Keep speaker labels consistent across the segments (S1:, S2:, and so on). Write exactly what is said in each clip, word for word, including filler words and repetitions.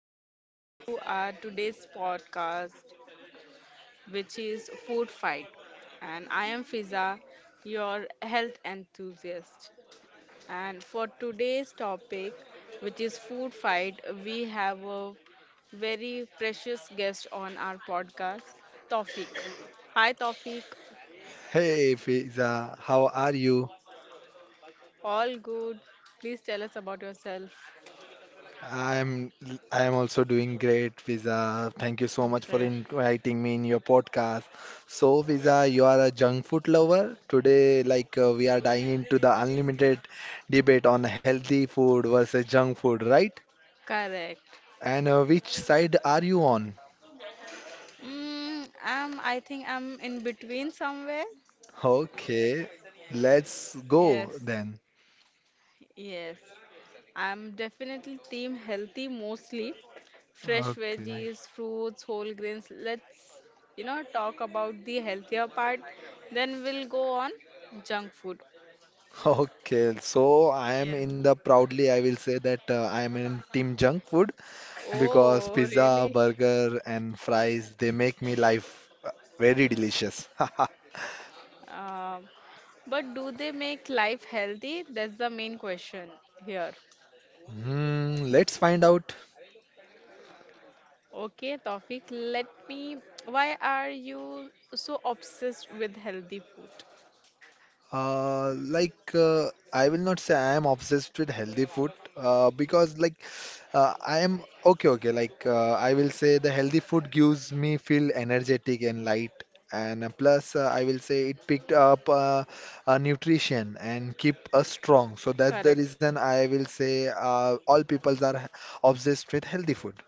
S1: and welcome to our today's podcast, which is Food Fight. And I am Fiza, your health enthusiast. And for today's topic, which is Food Fight, we have a very precious guest on our podcast, Tawfiq. Hi, Tawfiq.
S2: Hey Fiza, how are you?
S1: All good. Please tell us about yourself.
S2: I'm I am also doing great, Fiza. Thank you so much for
S1: Okay.
S2: inviting me in your podcast. So, Fiza, you are a junk food lover. Today, like uh, we are diving into the unlimited debate on healthy food versus junk food, right?
S1: Correct.
S2: And uh, which side are you on?
S1: Mm, I'm, I think I'm in between somewhere.
S2: Okay, let's go
S1: Yes,
S2: then.
S1: yes. I'm definitely team healthy mostly. Fresh
S2: Okay.
S1: veggies, fruits, whole grains. Let's, you know, talk about the healthier part. Then we'll go on junk food.
S2: Okay, so I am
S1: Yes.
S2: in the proudly, I will say that uh, I am in Team Junk Food because
S1: Oh,
S2: pizza,
S1: really?
S2: burger, and fries they make me life uh, very delicious.
S1: Um, but do they make life healthy? That's the main question here.
S2: Hmm, let's find out.
S1: Okay, Tawfiq, let me. Why are you so obsessed with healthy food?
S2: Uh, like uh, I will not say I am obsessed with healthy food uh, because like uh, I am okay okay like uh, I will say the healthy food gives me feel energetic and light and uh, plus uh, I will say it picked up uh, uh, nutrition and keep us strong, so
S1: Correct.
S2: that's the reason I will say uh, all peoples are obsessed with healthy food.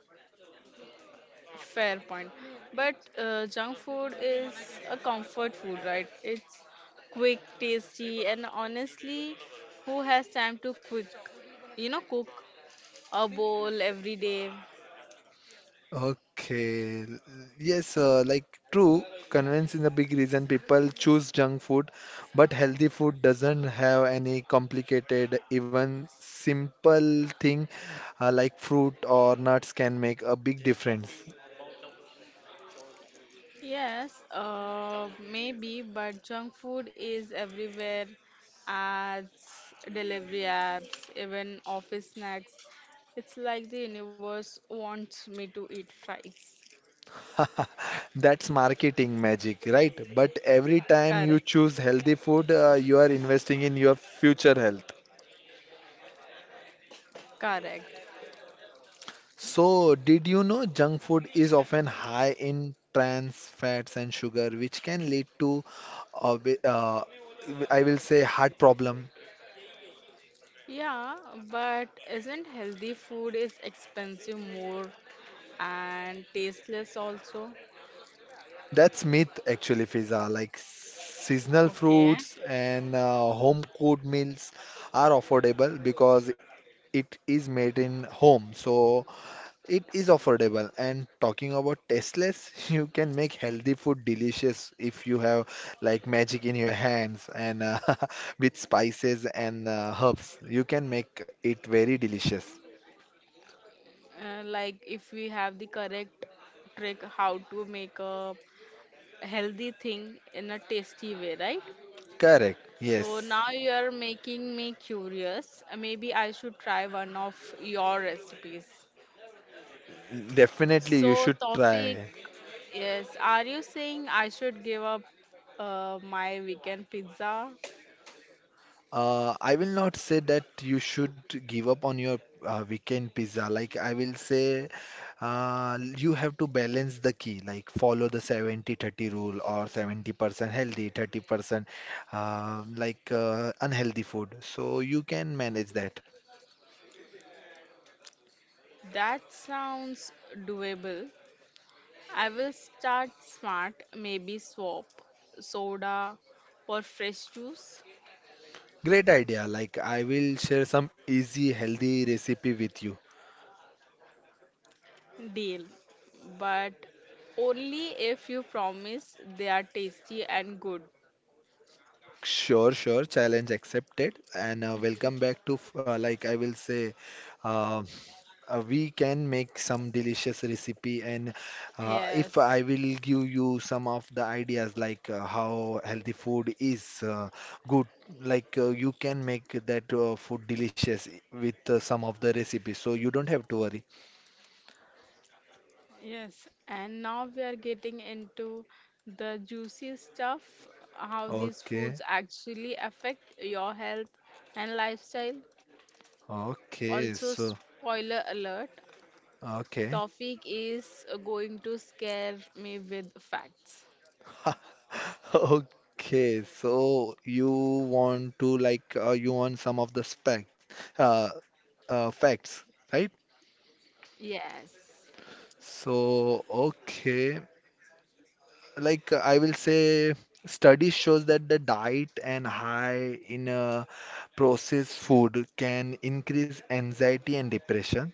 S1: Fair point. But uh, junk food is a comfort food, right? It's quick, tasty, and honestly, who has time to quick, you know, cook a bowl every day?
S2: Okay. l- Yes, uh, like true, convenience is a big reason people choose junk food, but healthy food doesn't have any complicated, even simple thing uh, like fruit or nuts can make a big difference.
S1: Yes, uh, maybe, but junk food is everywhere. Ads, delivery apps, even office snacks. It's like the universe wants me to eat fries.
S2: That's marketing magic, right? But every time you
S1: Correct,
S2: choose healthy food, uh, you are investing in your future health.
S1: correct.
S2: So, did you know junk food is often high in trans fats and sugar, which can lead to, uh, bi- uh, I will say, heart problem.
S1: Yeah, but isn't healthy food is expensive more and tasteless also?
S2: That's myth actually, Fiza. Like seasonal
S1: Okay.
S2: fruits and uh, home cooked meals are affordable because it is made in home. So it is affordable. And talking about tasteless, you can make healthy food delicious if you have like magic in your hands and uh, with spices and uh, herbs. You can make it very delicious.
S1: Uh, like if we have the correct trick how to make a healthy thing in a tasty way, right?
S2: Correct.
S1: So
S2: Yes.
S1: now you're making me curious. Uh, Maybe I should try one of your recipes.
S2: Definitely, you
S1: So,
S2: should
S1: Tawfiq,
S2: try.
S1: yes, are you saying I should give up uh, my weekend pizza.
S2: Uh, I will not say that you should give up on your uh, weekend pizza. Like I will say, uh, you have to balance the key. Like follow the seventy thirty rule or seventy percent healthy, thirty percent uh, like uh, unhealthy food. So you can manage that.
S1: That sounds doable. I will start smart, maybe swap soda for fresh juice.
S2: Great idea. Like I will share some easy healthy recipe with you.
S1: Deal. But only if you promise they are tasty and good.
S2: Sure, sure. Challenge accepted. And uh, welcome back to f- uh, like I will say. uh, uh, we can make some delicious recipe and uh, if I
S1: Yes,
S2: will give you some of the ideas like uh, how healthy food is uh, good like uh, you can make that uh, food delicious with uh, some of the recipes, so you don't have to worry.
S1: yes. And now we are getting into the juicy stuff, how these
S2: Okay,
S1: foods actually affect your health and lifestyle.
S2: okay,
S1: Also,
S2: so
S1: spoiler alert,
S2: okay.
S1: topic is uh, going to scare me with facts.
S2: Okay, so you want to like uh, you want some of the specs uh, uh, facts, right?
S1: Yes,
S2: So, okay, like uh, I will say study shows that the diet and high in uh, processed food can increase anxiety and depression.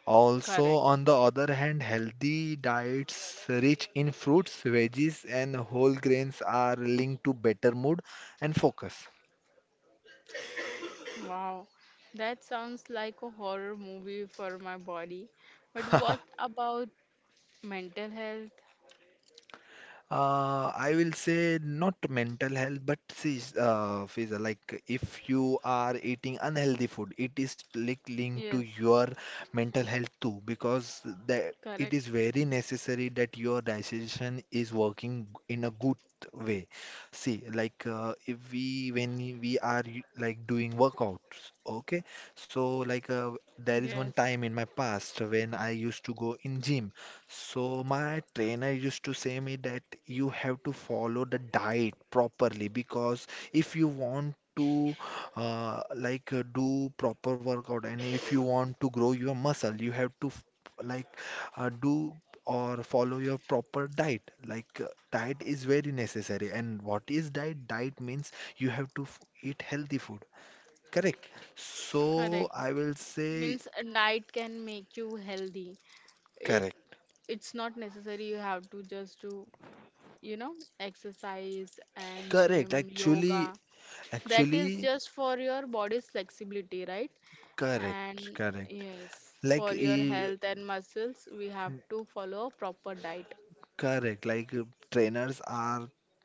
S2: Also,
S1: correct.
S2: on the other hand, healthy diets rich in fruits, veggies, and whole grains are linked to better mood and focus.
S1: Wow, that sounds like a horror movie for my body. But what about mental health?
S2: Uh, I will say not mental health, but see, uh, Fiza, like if you are eating unhealthy food, it is like linked to
S1: Yes,
S2: your mental health too, because the, it is
S1: correct.
S2: very necessary that your digestion is working in a good way. See, like uh, if we when we are like doing workouts, okay, so like uh, there is
S1: Yes,
S2: one time in my past when I used to go in gym. So my trainer used to say me that you have to follow the diet properly, because if you want to uh, like uh, do proper workout and if you want to grow your muscle, you have to f- like uh, do or follow your proper diet. Like uh, diet is very necessary. And what is diet? Diet means you have to f eat healthy food. Correct. So
S1: correct.
S2: I will say
S1: Means a diet can make you healthy. It
S2: correct.
S1: it's not necessary you have to just do, you know, exercise and
S2: Correct.
S1: gym, yoga.
S2: Actually,
S1: That is
S2: actually.
S1: just for your body's flexibility, right?
S2: Correct,
S1: And
S2: correct.
S1: yes,
S2: Like,
S1: for your
S2: eh,
S1: health and muscles, we have to follow a proper diet.
S2: correct. Like uh, trainers are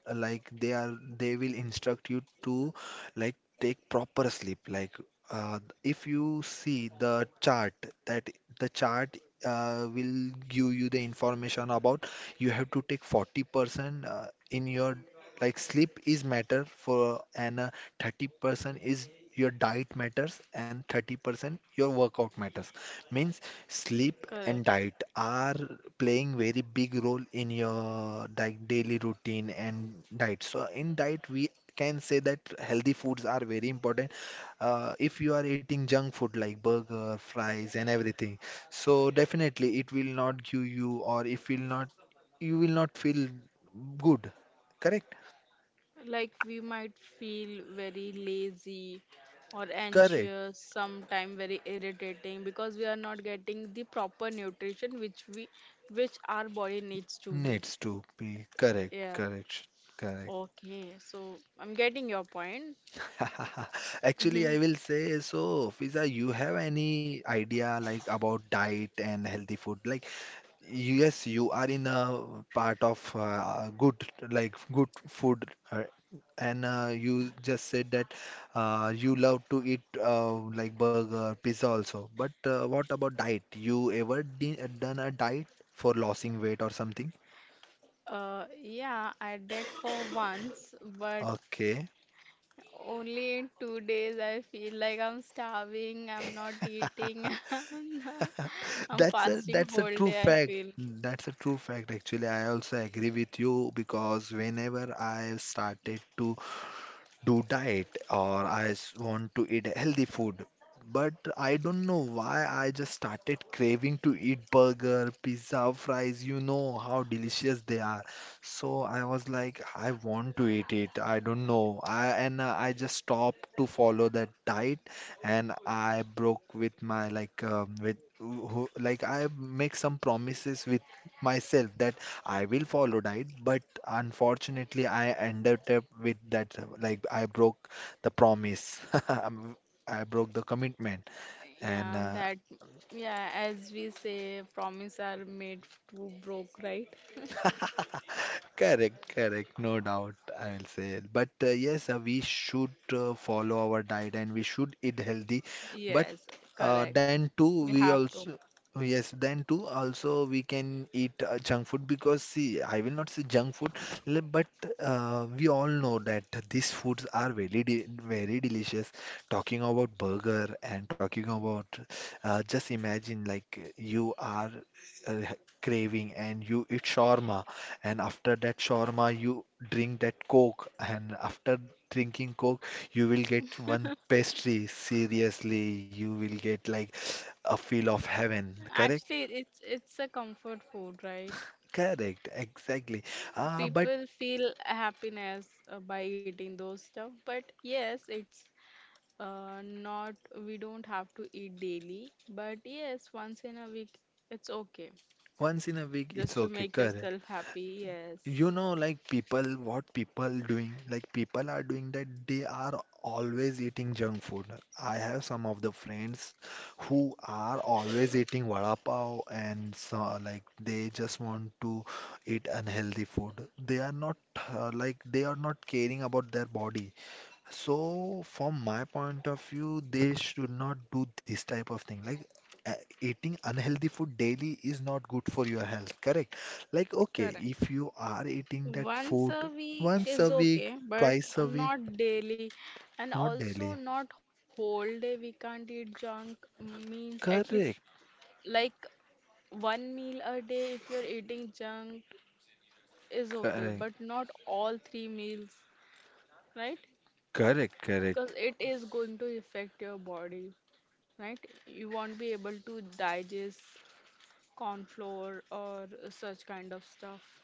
S2: uh, like they are they will instruct you to like take proper sleep. Like, uh, if you see the chart that the chart uh, will give you the information about you have to take forty percent uh, in your like sleep is matter for, and uh, thirty percent is your diet matters and thirty percent your workout matters, means sleep and
S1: Correct.
S2: diet are playing very big role in your like daily routine and diet. So in diet, we can say that healthy foods are very important. Uh, if you are eating junk food like burger, fries, and everything, so definitely it will not give you, or if will not, you will not feel good. Correct?
S1: Like we might feel very lazy or
S2: Correct.
S1: anxious, sometime very irritating because we are not getting the proper nutrition which we which our body needs to be.
S2: Needs to be correct.
S1: Yeah.
S2: Correct. Correct.
S1: Okay, so I'm getting your point.
S2: Actually, I will say so. Fiza, you have any idea like about diet and healthy food? Like, yes, you are in a part of uh, good, like good food, uh, and uh, you just said that uh, you love to eat uh, like burger, pizza also. But uh, what about diet? You ever di done a diet for losing weight or something?
S1: Uh, yeah, I did for once, but
S2: Okay.
S1: only in two days I feel like I'm starving, I'm not eating, I'm not- I'm
S2: That's a
S1: fasting
S2: that's a
S1: whole
S2: true
S1: day, I
S2: fact.
S1: feel.
S2: That's a true fact actually. I also agree with you because whenever I started to do diet or I s- want to eat healthy food. But I don't know why I just started craving to eat burger, pizza, fries. You know how delicious they are. So I was like, I want to eat it. I don't know. I and uh, I just stopped to follow that diet, and I broke with my like um, with who, like I make some promises with myself that I will follow diet, but unfortunately, I ended up with that. Like, I broke the promise, I broke the commitment, and
S1: Yeah,
S2: uh,
S1: that, yeah, as we say, promise are made to broke, right?
S2: correct, correct, no doubt, I will say. But uh, yes, uh, we should uh, follow our diet and we should eat healthy. But
S1: Yes,
S2: uh,
S1: correct.
S2: then too,
S1: We
S2: we
S1: have to.
S2: also yes, then too also we can eat uh, junk food, because see, I will not say junk food, le- but uh, we all know that these foods are very de very delicious. Talking about burger and talking about uh, just imagine like you are uh, craving and you eat shawarma, and after that shawarma you drink that coke, and after drinking coke you will get one pastry. Seriously, you will get like a feel of heaven, correct?
S1: Actually, it's it's a comfort food, right?
S2: Correct, exactly. Ah, but
S1: People feel happiness uh, by eating those stuff, but yes, it's Uh, not, we don't have to eat daily, but yes, once in a week it's okay.
S2: once in a week
S1: Just
S2: it's
S1: to
S2: okay.
S1: make
S2: Correct.
S1: yourself happy,
S2: You
S1: yes.
S2: know like people, what people doing, like people are doing that they are always eating junk food. I have some of the friends who are always eating vada pav and so like they just want to eat unhealthy food. They are not uh, like they are not caring about their body. So, from my point of view, they should not do this type of thing. Like, uh, eating unhealthy food daily is not good for your health, correct? Like, okay,
S1: Correct.
S2: if you are eating that
S1: Once
S2: food
S1: a week
S2: once a
S1: is
S2: week,
S1: okay, but
S2: twice a week,
S1: not daily. And
S2: not
S1: also
S2: daily.
S1: not whole day we can't eat junk means at least
S2: Correct,
S1: like one meal a day if you're eating junk is okay, but
S2: correct,
S1: not all three meals, right?
S2: correct,
S1: Because
S2: correct,
S1: it is going to affect your body, right? You won't be able to digest corn flour or such kind of stuff.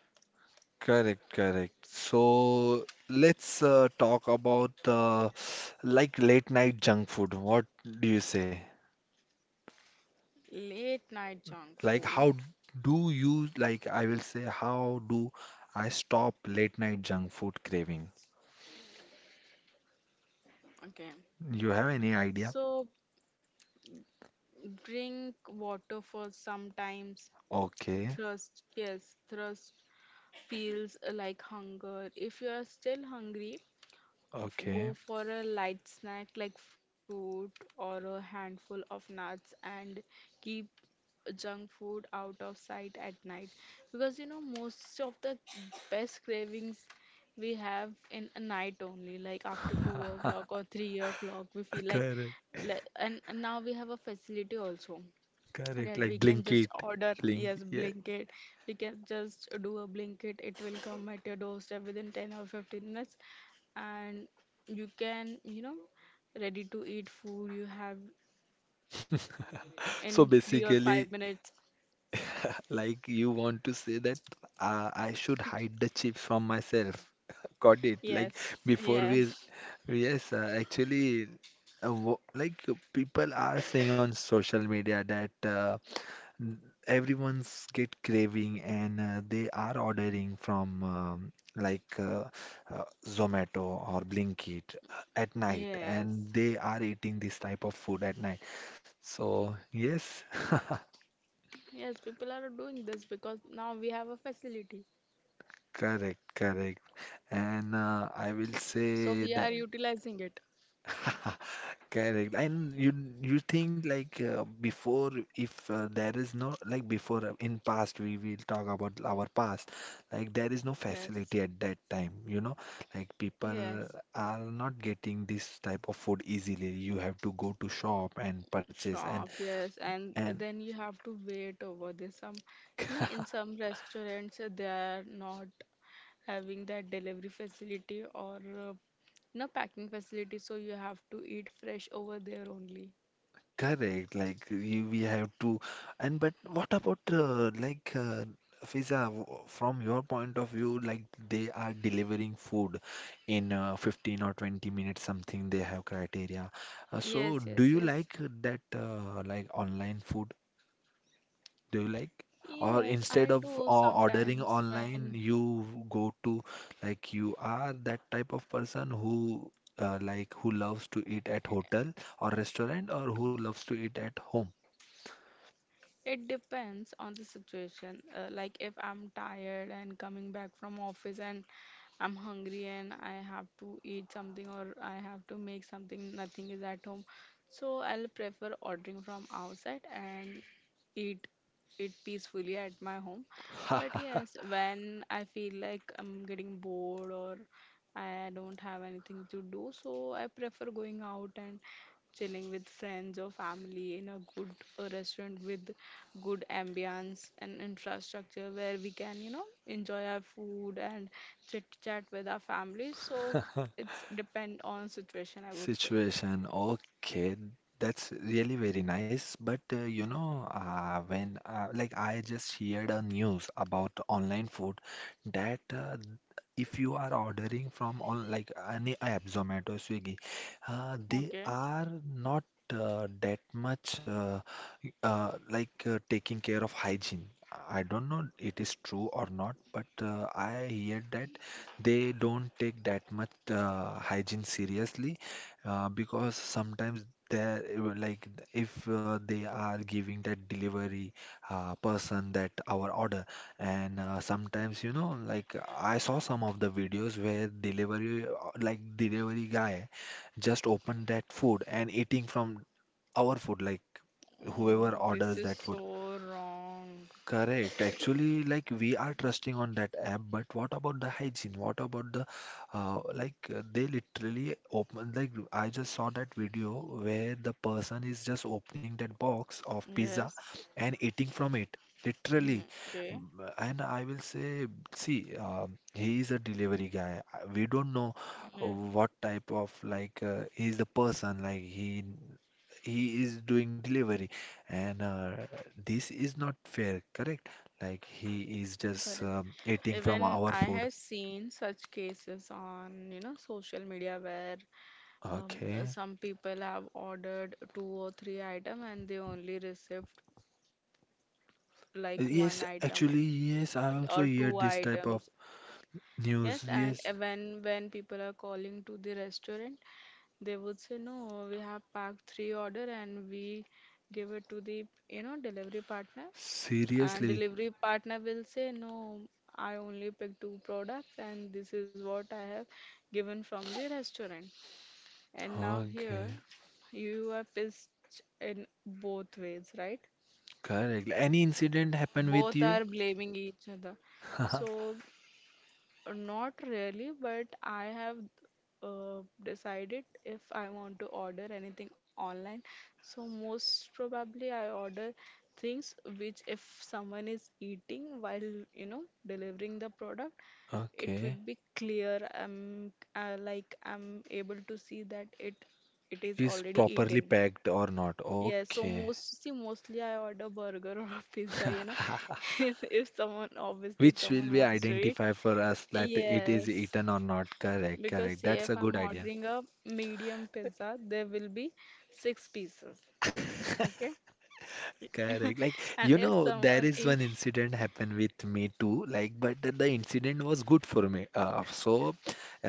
S2: correct, correct. So let's uh, talk about uh, like late night junk food. What do you say?
S1: Late night junk
S2: Like,
S1: food.
S2: how do you, like, I will say, how do I stop late night junk food craving?
S1: Okay.
S2: You have any idea?
S1: So drink water for sometimes
S2: Okay,
S1: thirst. Yes, thirst feels like hunger. If you are still hungry,
S2: okay.
S1: go for a light snack like fruit or a handful of nuts, and keep junk food out of sight at night, because you know most of the best cravings we have in a night only, like after two o'clock or three o'clock we feel like
S2: Correct,
S1: le- and, and now we have a facility also,
S2: correct.
S1: that we
S2: Like,
S1: can just
S2: Blinkit,
S1: order,
S2: Blink,
S1: yes,
S2: yeah.
S1: blanket, we can just do a blanket, it will come at your doorstep within ten or fifteen minutes. And you can you know ready to eat food you have
S2: So
S1: in three or five
S2: basically,
S1: minutes.
S2: like, you want to say that uh, I should hide the chips from myself. Got it.
S1: Yes,
S2: Like, before we
S1: yes,
S2: yes, uh, actually, uh, wo- like uh, people are saying on social media that uh, n- everyone's get craving and uh, they are ordering from um, like uh, uh, Zomato or Blinkit uh, at night,
S1: yes,
S2: and they are eating this type of food at night. So yes,
S1: yes, people are doing this because now we have a facility,
S2: correct, correct. And uh, I will
S1: so we are
S2: say that.
S1: utilizing it.
S2: Correct. And you, you think like uh, before, if uh, there is no like before, uh, in past we will talk about our past, like there is no
S1: Yes,
S2: facility at that time, you know, like people
S1: yes,
S2: are not getting this type of food easily. You have to go to shop and purchase, and
S1: shop, yes, and
S2: and
S1: then you have to wait over there, some you know in some restaurants uh, they are not having that delivery facility or uh, you know packing facility, so you have to eat fresh over there only.
S2: correct, like you, we have to, and but what about uh, like uh, Fiza, w- from your point of view, like they are delivering food in uh, fifteen or twenty minutes, something they have criteria. Uh,
S1: Yes,
S2: so
S1: yes,
S2: do you
S1: yes,
S2: like that uh, like online food? Do you like? Or
S1: yes,
S2: instead
S1: I
S2: of
S1: do
S2: uh, ordering
S1: sometimes when
S2: online, you go to like you are that type of person who uh, like who loves to eat at hotel or restaurant or who loves to eat at home?
S1: it depends on the situation. Uh, like if I'm tired and coming back from office and I'm hungry and I have to eat something or I have to make something, nothing is at home. So I'll prefer ordering from outside and eat it peacefully at my home.
S2: Ha
S1: But
S2: ha ha!
S1: yes, when I feel like I'm getting bored or I don't have anything to do, so I prefer going out and chilling with friends or family in a good uh, restaurant with good ambience and infrastructure where we can, you know, enjoy our food and chit chat with our families. So it's depend on situation, I would say.
S2: Situation. Okay, that's really very nice. But uh, you know, uh, when uh, like I just heard a news about online food that uh, if you are ordering from on like any app, Zomato, Swiggy, uh, they
S1: Okay.
S2: are not uh, that much uh, y- uh, like uh, taking care of hygiene. I don't know it is true or not, but uh, I hear that they don't take that much uh, hygiene seriously uh, because sometimes there, like if uh, they are giving that delivery uh, person that our order, and uh, sometimes you know like I saw some of the videos where delivery uh, like delivery guy just opened that food and eating from our food, like whoever
S1: Oh,
S2: orders
S1: this is
S2: that food.
S1: so wrong.
S2: Correct. Actually, like we are trusting on that app, but what about the hygiene? What about the uh, like uh, they literally open, like I just saw that video where the person is just opening that box of
S1: Yes.
S2: pizza and eating from it.
S1: Hmm.
S2: Literally.
S1: Okay,
S2: Mm, and I will say, see, um, he is a delivery guy. Uh, We don't know uh,
S1: yeah,
S2: what type of like uh, he is the person. Like he he is doing delivery, and uh, this is not fair, correct? Like he is just
S1: correct.
S2: um, eating from
S1: Even
S2: our
S1: I
S2: food.
S1: have seen such cases on, you know, social media where um,
S2: Okay.
S1: some people have ordered two or three item and they only received like one
S2: Yes,
S1: item
S2: actually, yes, I
S1: or
S2: also
S1: two
S2: hear this type
S1: items.
S2: of news.
S1: Yes, and
S2: Yes,
S1: uh, when when people are calling to the restaurant, they would say, no, we have packed three order and we give it to the, you know, delivery partner, and
S2: seriously.
S1: delivery partner will say, no, I only pick two products and this is what I have given from the restaurant. And now
S2: Okay,
S1: here you are pissed in both ways, right?
S2: correct. Any incident happened with
S1: Both
S2: you?
S1: are blaming each other, so... Not really, but I have uh, decided if I want to order anything online, so most probably I order things which, if someone is eating while, you know, delivering the product, it would
S2: Okay.
S1: be clear. I'm uh, Like I'm able to see that it it is
S2: Is
S1: already
S2: properly
S1: eaten.
S2: packed or not?
S1: Yes, so
S2: Okay.
S1: most, see, mostly I order burger or pizza, you know, if someone, obviously, if
S2: Which will
S1: someone
S2: be
S1: wants to eat.
S2: identify for us that it is
S1: Yes,
S2: eaten or not. Correct,
S1: because
S2: correct.
S1: say
S2: That's
S1: if
S2: a
S1: I'm
S2: good idea.
S1: ordering a medium pizza, there will be six pieces. Okay.
S2: Correct. Like,
S1: And
S2: you
S1: if
S2: know, there
S1: someone
S2: is one
S1: ate,
S2: incident happened with me too. Like, but the the incident was good for me. Uh, so,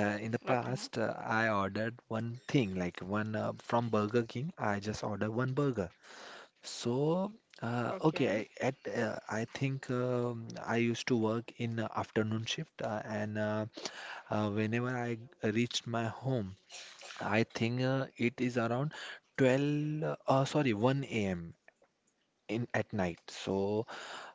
S2: uh, in the
S1: okay,
S2: past, uh, I ordered one thing, like one uh, from Burger King. I just ordered one burger. So, uh,
S1: okay,
S2: okay, I- at uh, I think um, I used to work in uh, afternoon shift, uh, and uh, uh, whenever I reached my home, I think uh, it is around twelve, uh, sorry, one a m in at night. So.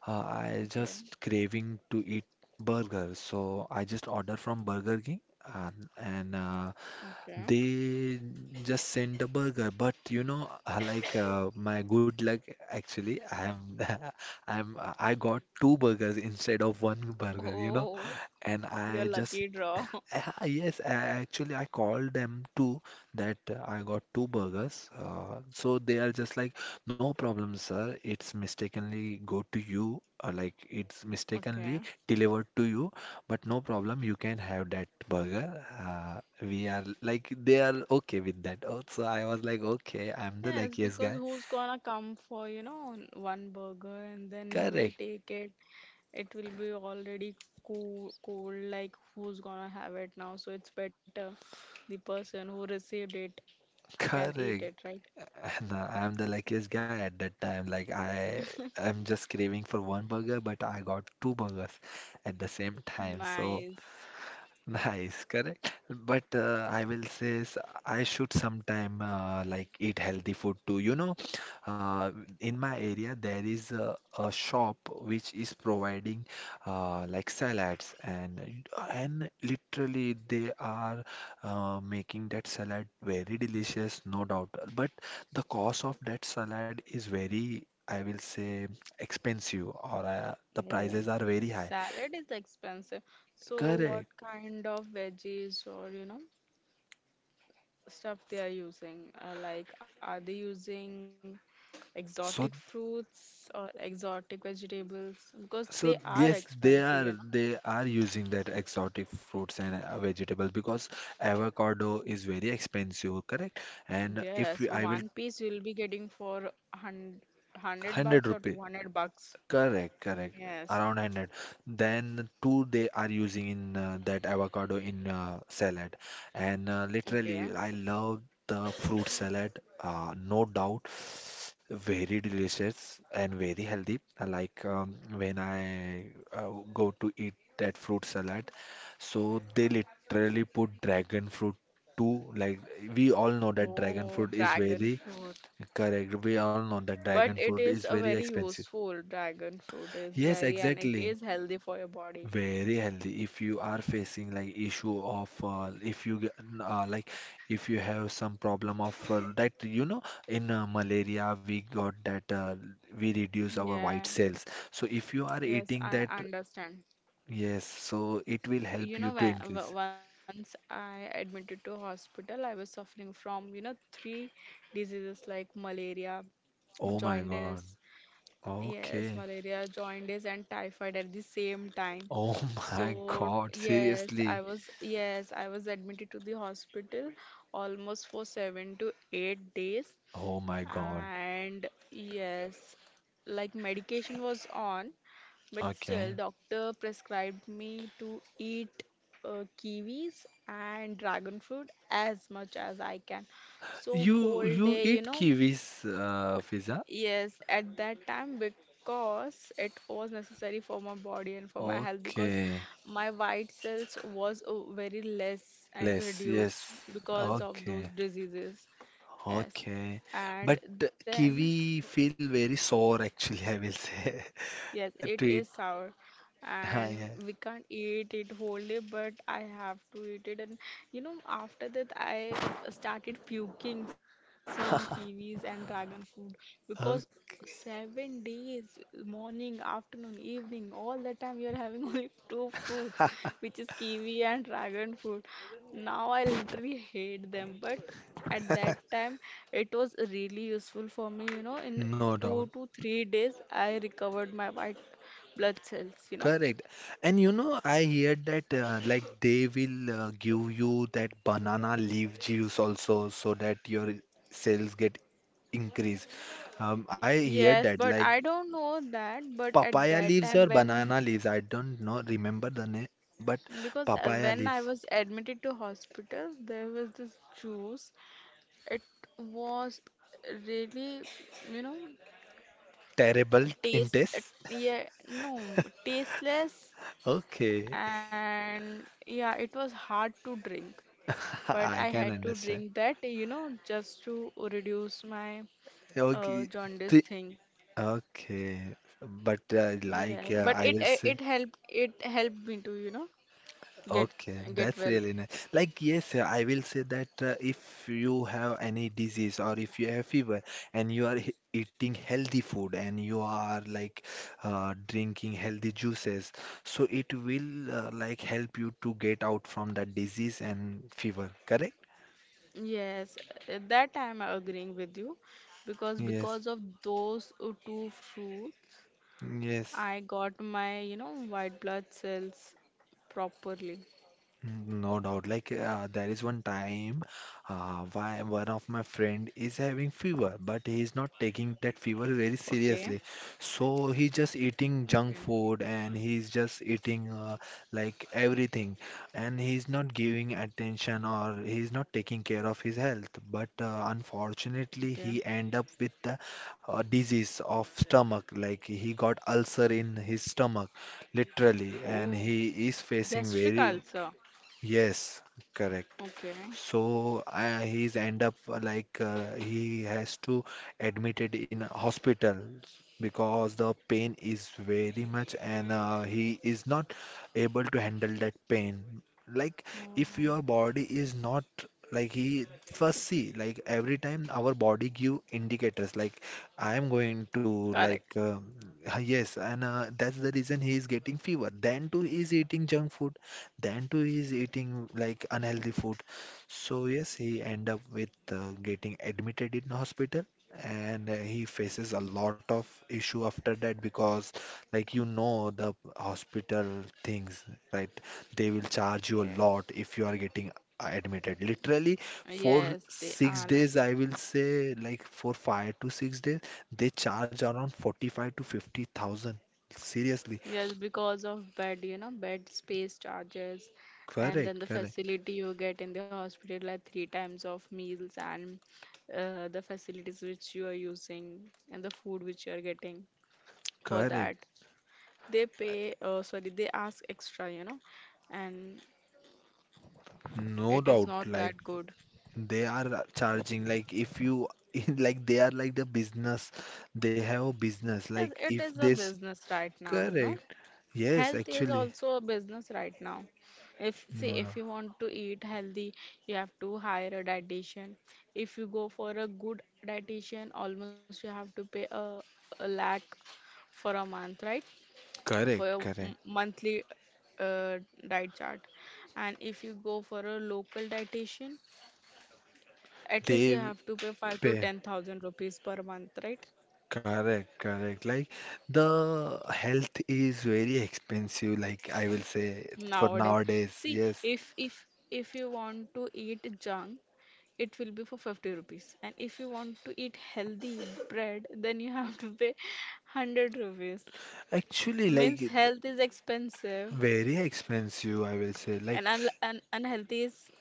S2: Uh, I
S1: okay,
S2: just craving to eat burger, so I just order from Burger King and, and uh,
S1: okay.
S2: they just send the burger. But you know, uh, like uh, my good luck, actually, I'm I'm I got two burgers instead of one burger, you know,
S1: Oh,
S2: and I
S1: you're
S2: just
S1: lucky draw.
S2: Ah, yes, a- actually, I called them too that uh, I got two burgers. Uh, so they are just like, no problem, sir. It's mistakenly go to you, uh, like it's mistakenly
S1: Okay.
S2: delivered to you, but no problem. You can have that burger. Uh, we are like, they are okay with that. Oh, so I was like, okay, I'm the
S1: Yes,
S2: luckiest
S1: because
S2: guy.
S1: who's gonna come for, you know, one burger and then he will
S2: Correct,
S1: take it. It will be already cool, cold, like who's gonna have it now? So it's better the person who received it can eat
S2: correct.
S1: it, right?
S2: No, I'm the luckiest guy at that time. Like I I'm just craving for one burger, but I got two burgers at the same time. So
S1: Nice.
S2: nice, correct. But uh, I will say s- I should sometime uh, like eat healthy food too. You know, uh, in my area there is a, a shop which is providing uh, like salads, and and literally they are uh, making that salad very delicious, no doubt. But the cost of that salad is very, I will say, expensive, or uh, the prices
S1: Oh,
S2: are very high.
S1: salad is expensive. So what
S2: Correct.
S1: kind of veggies or you know stuff they are using? Uh, like are they using exotic
S2: So
S1: fruits or exotic vegetables? Because they
S2: so
S1: are
S2: yes, they
S1: expensive,
S2: are
S1: you
S2: they are using that exotic fruits and uh, vegetables because avocado is very expensive, correct?
S1: know.
S2: And if
S1: Yes,
S2: we- I will
S1: one piece you'll be getting for hundred hundred
S2: hundred
S1: bucks or
S2: rupee
S1: two hundred bucks.
S2: Correct, correct.
S1: Yes.
S2: Around one hundred. Then two they are using in uh, that avocado in uh, salad. And uh,
S1: Okay.
S2: literally, I love the fruit salad. Uh, no doubt, very delicious and very healthy. I like um, when I uh, go to eat that fruit salad. So they literally put dragon fruit too. Like we all know that dragon
S1: Oh,
S2: fruit is
S1: dragon
S2: very
S1: fruit.
S2: correct. We all know that dragon
S1: But
S2: fruit
S1: it
S2: is
S1: is a
S2: very
S1: very
S2: expensive.
S1: useful, dragon fruit is
S2: Yes,
S1: very, and it
S2: exactly.
S1: is healthy for your body.
S2: Very healthy. If you are facing like issue of uh, if you get- uh, like if you have some problem of uh, that you know in uh, malaria we got that uh, we reduce our
S1: Yeah,
S2: white cells. So if you are
S1: yes,
S2: eating
S1: I
S2: that,
S1: understand.
S2: yes, so it will help
S1: You
S2: you
S1: know,
S2: to
S1: when,
S2: increase.
S1: w- once I admitted to hospital, I was suffering from, you know, three diseases like malaria,
S2: Oh my God.
S1: jaundice, yes,
S2: Okay.
S1: malaria, jaundice, and typhoid at the same time.
S2: Oh my
S1: So,
S2: God.
S1: yes, I
S2: Seriously.
S1: was, yes, I was admitted to the hospital almost for seven to eight days.
S2: Oh my God.
S1: And yes, like medication was on. But
S2: Okay.
S1: still, doctor prescribed me to eat uh, kiwis and dragon fruit as much as I can. So
S2: You
S1: whole
S2: you
S1: day, you
S2: eat
S1: know,
S2: kiwis, uh, Fiza?
S1: yes, at that time because it was necessary for my body and for my health, because
S2: Okay.
S1: my white cells was uh, very less and
S2: Less,
S1: reduced
S2: yes.
S1: because of those
S2: Okay,
S1: diseases. Yes.
S2: okay.
S1: And
S2: But uh,
S1: then,
S2: kiwi feel very sour actually, I will say.
S1: yes, it
S2: To it.
S1: is sour
S2: Ah,
S1: and
S2: yes.
S1: we can't eat it wholly, but I have to eat it. And you know, after that, I started puking seeing kiwis and dragon fruit, because
S2: Okay.
S1: seven days, morning, afternoon, evening, all the time, you're having only two fruits which is kiwi and dragon fruit. Now I literally hate them, but at that time it was really useful for me. You know, in
S2: no doubt.
S1: two to three days, I recovered my white blood cells, you know.
S2: Correct. And you know, I heard that uh, like they will uh, give you that banana leaf juice also so that your sales get increased. Um, I heard
S1: Yes,
S2: that
S1: but
S2: like
S1: I don't know that. But at
S2: papaya
S1: that
S2: leaves
S1: time,
S2: or
S1: when,
S2: banana leaves. I don't know, remember the name, but
S1: because uh,
S2: papaya
S1: when
S2: leaves.
S1: I was admitted to hospital, there was this juice. It was really, you know,
S2: Terrible in
S1: taste. It-
S2: taste.
S1: Yeah, no, tasteless,
S2: Okay,
S1: and yeah, it was hard to drink, but I
S2: I can
S1: had to
S2: understand.
S1: drink that, you know, just to reduce my uh,
S2: Okay,
S1: jaundice
S2: pre-
S1: thing.
S2: okay, but uh,
S1: Yeah,
S2: like uh,
S1: but
S2: I
S1: it,
S2: will
S1: uh,
S2: say,
S1: it helped, it helped me to, you know, get
S2: okay,
S1: get
S2: that's
S1: well.
S2: really nice. Like yes, uh, I will say that uh, if you have any disease or if you have fever and you are he- eating healthy food and you are like uh, drinking healthy juices, so it will uh, like help you to get out from that disease and fever. Correct?
S1: Yes, uh, that I'm agreeing with you, because
S2: Yes,
S1: because of those uh, two fruits
S2: yes.
S1: I got my, you know, white blood cells properly.
S2: Mm, no doubt. Like uh, there is one time uh, why one of my friend is having fever, but he is not taking that fever very
S1: Okay,
S2: seriously. So he just
S1: okay,
S2: eating junk food and he's just eating uh, like everything, and he's not giving attention or he's not taking care of his health. But uh, unfortunately,
S1: okay.
S2: he end up with the uh, disease of stomach. Like he got ulcer in his stomach literally, and
S1: Oh,
S2: he is facing
S1: gastric
S2: very
S1: ulcer.
S2: Yes, correct.
S1: Okay.
S2: So uh, he's end up uh, like uh, he has to admitted in a hospital because the pain is very much, and uh, he is not able to handle that pain. Like if
S1: Mm,
S2: your body is not like he first see, like every time our body give indicators like I am going to like
S1: correct.
S2: um, yes, and uh, that's the reason he is getting fever. Then too he is eating junk food. Then too he is eating like unhealthy food, so yes, he end up with uh, getting admitted in hospital, and uh, he faces a lot of issue after that because like you know the hospital things, right? They will charge you a
S1: Yeah.
S2: lot if you are getting uh, admitted. Literally for
S1: Yes, they
S2: six
S1: are.
S2: days, I will say like for five to six days, they charge around forty-five to fifty thousand. Seriously.
S1: Yes, because of bed, you know, bed space charges, and then
S2: Correct,
S1: the
S2: correct,
S1: facility you get in the hospital, like three times of meals, and uh, the facilities which you are using and the food which you are getting for
S2: correct.
S1: that. They pay, uh, sorry, they ask extra, you know, and
S2: No
S1: it is
S2: doubt.
S1: not
S2: Like
S1: that good.
S2: they are charging like if you like they are like the business. They have a business. Like
S1: Yes, it
S2: if
S1: is a
S2: this
S1: business right now, you know.
S2: correct. Yes,
S1: Health is
S2: actually.
S1: also a business right now. If say
S2: No, no.
S1: if you want to eat healthy, you have to hire a dietitian. If you go for a good dietitian, almost you have to pay a, a lakh for a month, right? For your
S2: Correct,
S1: m-
S2: correct.
S1: monthly uh, diet chart. And if you go for a local dietitian, at least you
S2: They
S1: have to pay five to
S2: pay.
S1: ten thousand rupees per month, right?
S2: Correct, correct. Like the health is very expensive, like I will say for
S1: Nowadays,
S2: nowadays.
S1: see,
S2: Yes.
S1: if if if you want to eat junk, it will be for fifty rupees. And if you want to eat healthy bread, then you have to pay hundred rupees.
S2: Actually, like
S1: Means
S2: it-
S1: health is expensive
S2: very expensive, I will say.
S1: and
S2: Like
S1: un un unhealthy is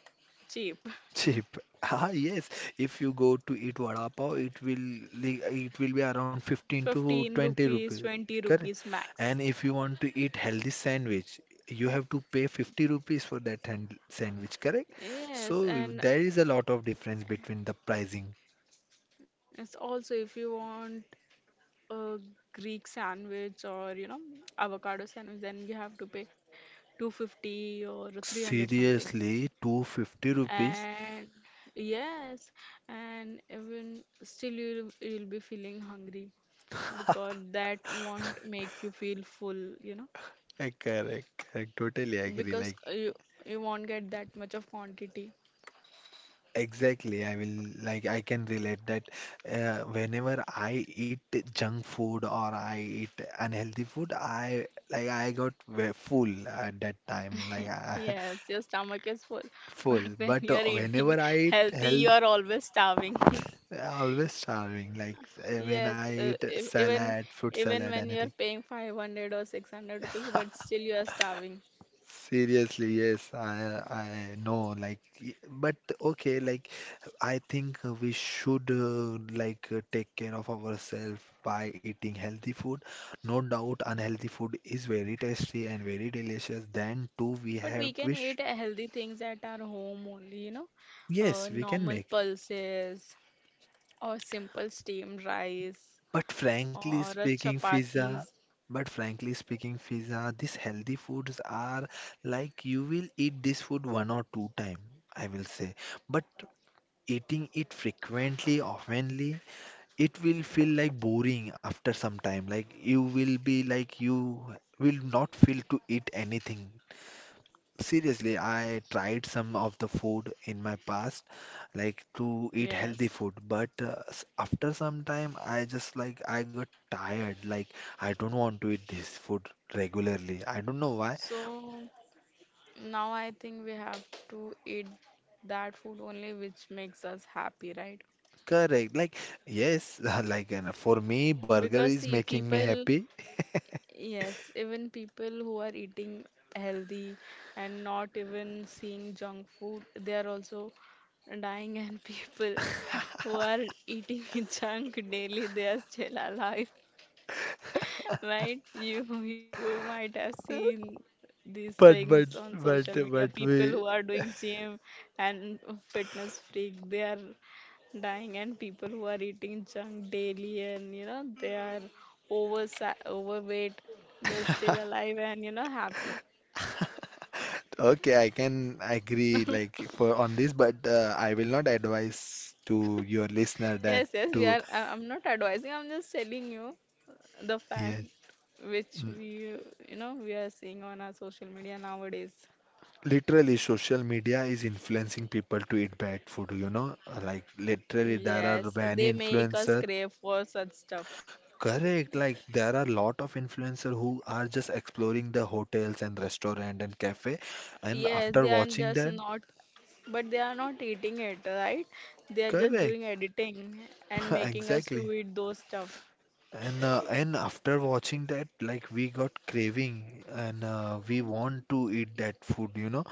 S1: cheap.
S2: cheap. Ah, yes. If you go to eat vada pav, it will li- it will be around fifteen to
S1: fifteen
S2: twenty
S1: rupees,
S2: rupees.
S1: twenty
S2: Correct?
S1: rupees
S2: And
S1: max.
S2: if you want to eat healthy sandwich, you have to pay fifty rupees for that hand sandwich, correct?
S1: Yes,
S2: So
S1: and
S2: there is a lot of difference between the pricing.
S1: it's also if you want a Greek sandwich or, you know, avocado sandwich, then you have to pay two hundred fifty or three hundred something.
S2: Seriously, two hundred fifty rupees.
S1: And yes, and even still you'll you'll be feeling hungry because that won't make you feel full, you know,
S2: Uh, Correct, correct. Totally agree.
S1: because
S2: Like
S1: you you won't get that much of quantity.
S2: exactly, I will like I can relate that uh, whenever I eat junk food or I eat unhealthy food, I like I got ve- full at that time, like I,
S1: Yes, your stomach is full, but
S2: full.
S1: when
S2: But uh,
S1: you're eating
S2: whenever I eat
S1: healthy, you
S2: health,
S1: are always starving.
S2: I always starving. Like uh, when I
S1: Yes, uh,
S2: eat
S1: ev- even
S2: salad, fruit
S1: even
S2: salad,
S1: when you are
S2: anything.
S1: paying five hundred or six hundred rupees, but still you are starving.
S2: Seriously, yes, I I know like y- but okay like I think we should uh, like uh, take care of ourselves by eating healthy food. No doubt unhealthy food is very tasty and very delicious. Then too we
S1: But we
S2: have
S1: can eat
S2: which
S1: healthy things at our home only, you know, uh,
S2: yes, we can
S1: normal
S2: make.
S1: pulses or simple steamed rice
S2: But frankly
S1: or a
S2: speaking, Fiza.
S1: chapatis.
S2: But frankly speaking, Fiza, these healthy foods are like you will eat this food one or two time, I will say. But eating it frequently, oftenly, it will feel like boring after some time. Like you will be like you will not feel to eat anything. Seriously, I tried some of the food in my past, like to eat healthy
S1: Yes.
S2: food, but uh, s- after some time, I just like I got tired. Like I don't want to eat this food regularly. I don't know why.
S1: So now I think we have to eat that food only which makes us happy, right?
S2: Correct. Like yes, like and for me,
S1: Because
S2: burger
S1: see,
S2: is making me
S1: people—
S2: happy.
S1: yes, even people who are eating healthy and not even seeing junk food, they are also dying. And people who are eating junk daily, they are still alive, right? You you might have seen these things
S2: But
S1: on
S2: but
S1: social
S2: but
S1: media.
S2: but
S1: People who
S2: we
S1: are doing gym and fitness freak, they are dying, and people who are eating junk daily and, you know, they are over overweight, they're still alive and, you know, happy.
S2: okay, I can agree like for on this, but uh, I will not advise to your listener that
S1: Yes yes we
S2: to
S1: are— I- I'm not advising, I'm just telling you the fact
S2: yes.
S1: which
S2: Mm,
S1: we, you know, we are seeing on our social media nowadays.
S2: literally, social media is influencing people to eat bad food, you know. Like literally, there are
S1: Yes,
S2: many
S1: they make us
S2: influencers.
S1: crave for such stuff.
S2: Correct, like there are a lot of influencers who are just exploring the hotels and restaurant and cafe, and
S1: Yes,
S2: after
S1: they are
S2: watching
S1: just
S2: that,
S1: not, but they are not eating it, right? They are just
S2: correct,
S1: doing editing and making us
S2: exactly.
S1: to eat those stuff.
S2: And uh, and after watching that, like we got craving, and uh, we want to eat that food, you know.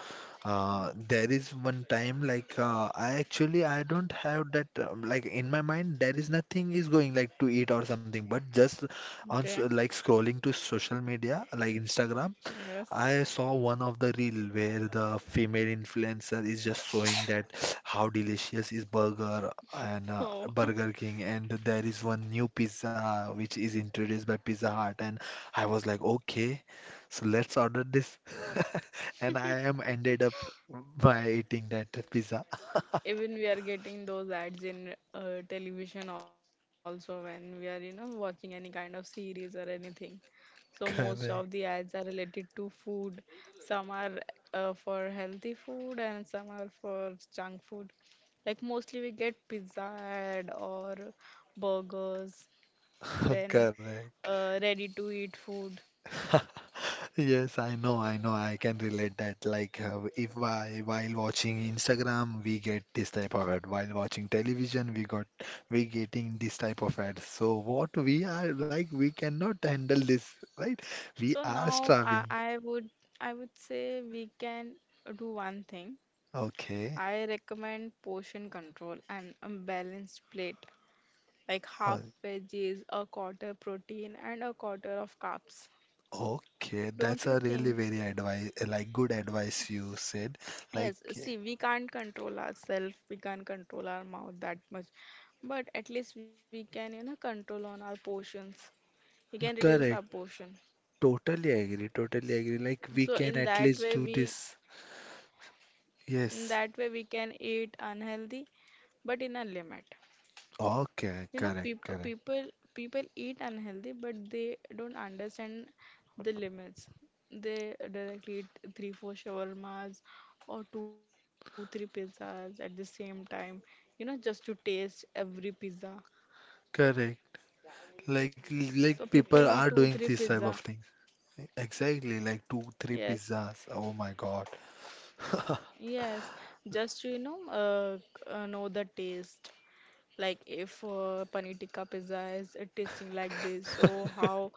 S2: Uh, there is one time like uh, I actually I don't have that um, like in my mind there is nothing is going like to eat or something, but just on so-
S1: Okay.
S2: like scrolling to social media like Instagram.
S1: Yes.
S2: I saw one of the reel where the female influencer is just showing that how delicious is burger and uh,
S1: Oh,
S2: Burger King, and there is one new pizza which is introduced by Pizza Hut, and I was like, okay, so let's order this, and I am ended up by eating that pizza.
S1: even we are getting those ads in uh, television also when we are, you know, watching any kind of series or anything. So most of the
S2: Correct,
S1: ads are related to food. Some are uh, for healthy food and some are for junk food. Like mostly we get pizza ad or burgers, then
S2: correct.
S1: uh, ready to eat food.
S2: Yes, I know, I know, I can relate that. Like, uh, if I, while watching Instagram, we get this type of ad. While watching television, we got we getting this type of ad. So what we are like, we cannot handle this, right? We
S1: So
S2: are
S1: now I,
S2: starving.
S1: I would I would say we can do one thing.
S2: Okay.
S1: I recommend portion control and a balanced plate, like
S2: Oh,
S1: half veggies, a quarter protein, and a quarter of carbs.
S2: okay,
S1: Don't
S2: that's
S1: you
S2: a really
S1: think?
S2: very advice, like good advice you said. Like,
S1: Yes, see, we can't control ourselves, we can't control our mouth that much, but at least we can, you know, control on our portions. We can reduce our
S2: correct.
S1: portion.
S2: Totally agree. Totally agree. Like we
S1: So
S2: can
S1: in
S2: at
S1: that
S2: least
S1: way,
S2: do
S1: we
S2: this.
S1: in
S2: Yes.
S1: that way we can eat unhealthy, but in a limit.
S2: Okay,
S1: You know,
S2: correct,
S1: peop
S2: correct.
S1: people people eat unhealthy, but they don't understand the limits. They directly eat three, four shawarmas or two, three pizzas at the same time. You know, just to taste every pizza.
S2: Correct. Like
S1: So
S2: like
S1: people eat
S2: people
S1: two,
S2: are
S1: three
S2: doing this
S1: pizza.
S2: type of things. Exactly, like two, three
S1: Yes,
S2: pizzas. Oh my God.
S1: yes. Just to, you know, uh, c- uh, know the taste. Like if uh, paneer tikka pizza is uh, tasting like this, so how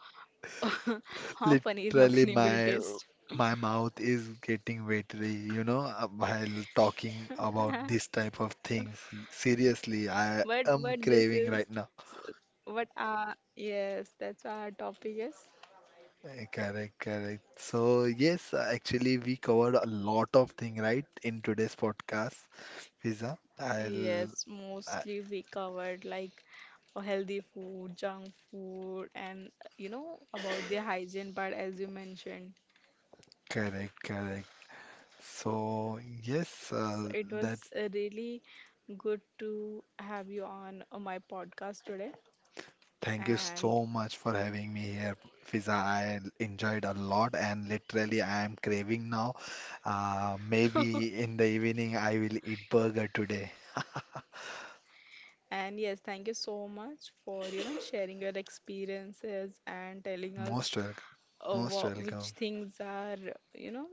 S1: how paneer
S2: Literally
S1: makhani will
S2: my
S1: taste?
S2: my mouth is getting watery, you know, uh, while talking about this type of things. Seriously, I
S1: But
S2: am
S1: but this
S2: craving right
S1: is
S2: now.
S1: what uh yes, that's our topic is.
S2: Eh, correct, correct. So yes, uh, actually we covered a lot of thing, right, in today's podcast, pizza. I'll
S1: Yes,
S2: I-
S1: mostly we covered like healthy food, junk food, and, you know, about the hygiene part as you mentioned.
S2: correct, correct. So, yes,
S1: So
S2: uh,
S1: it was
S2: that's
S1: uh, really good to have you on uh, my podcast today.
S2: thank you so
S1: And
S2: much for having me here, Fiza. I enjoyed a lot and literally I am craving now. Uh, maybe in the evening I will eat burger today.
S1: and yes, thank you so much for, you know, sharing your experiences and telling us
S2: Most welcome,
S1: uh,
S2: most
S1: wha-
S2: welcome,
S1: which things are, you know,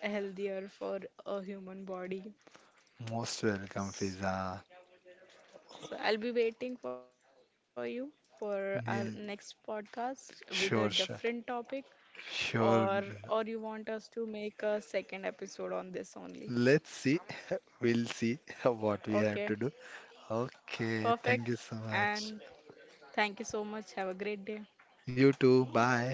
S1: healthier for a human body.
S2: most welcome, Fiza.
S1: So I'll be waiting for you for our next
S2: Yeah,
S1: podcast with a different
S2: sure,
S1: topic,
S2: sure,
S1: or or
S2: sure.
S1: you want us to make a second episode on this only.
S2: Let's see. We'll see what we
S1: Okay,
S2: have to do. Okay,
S1: perfect.
S2: thank you so
S1: And
S2: much.
S1: thank you so much. Have a great day.
S2: You too. Bye.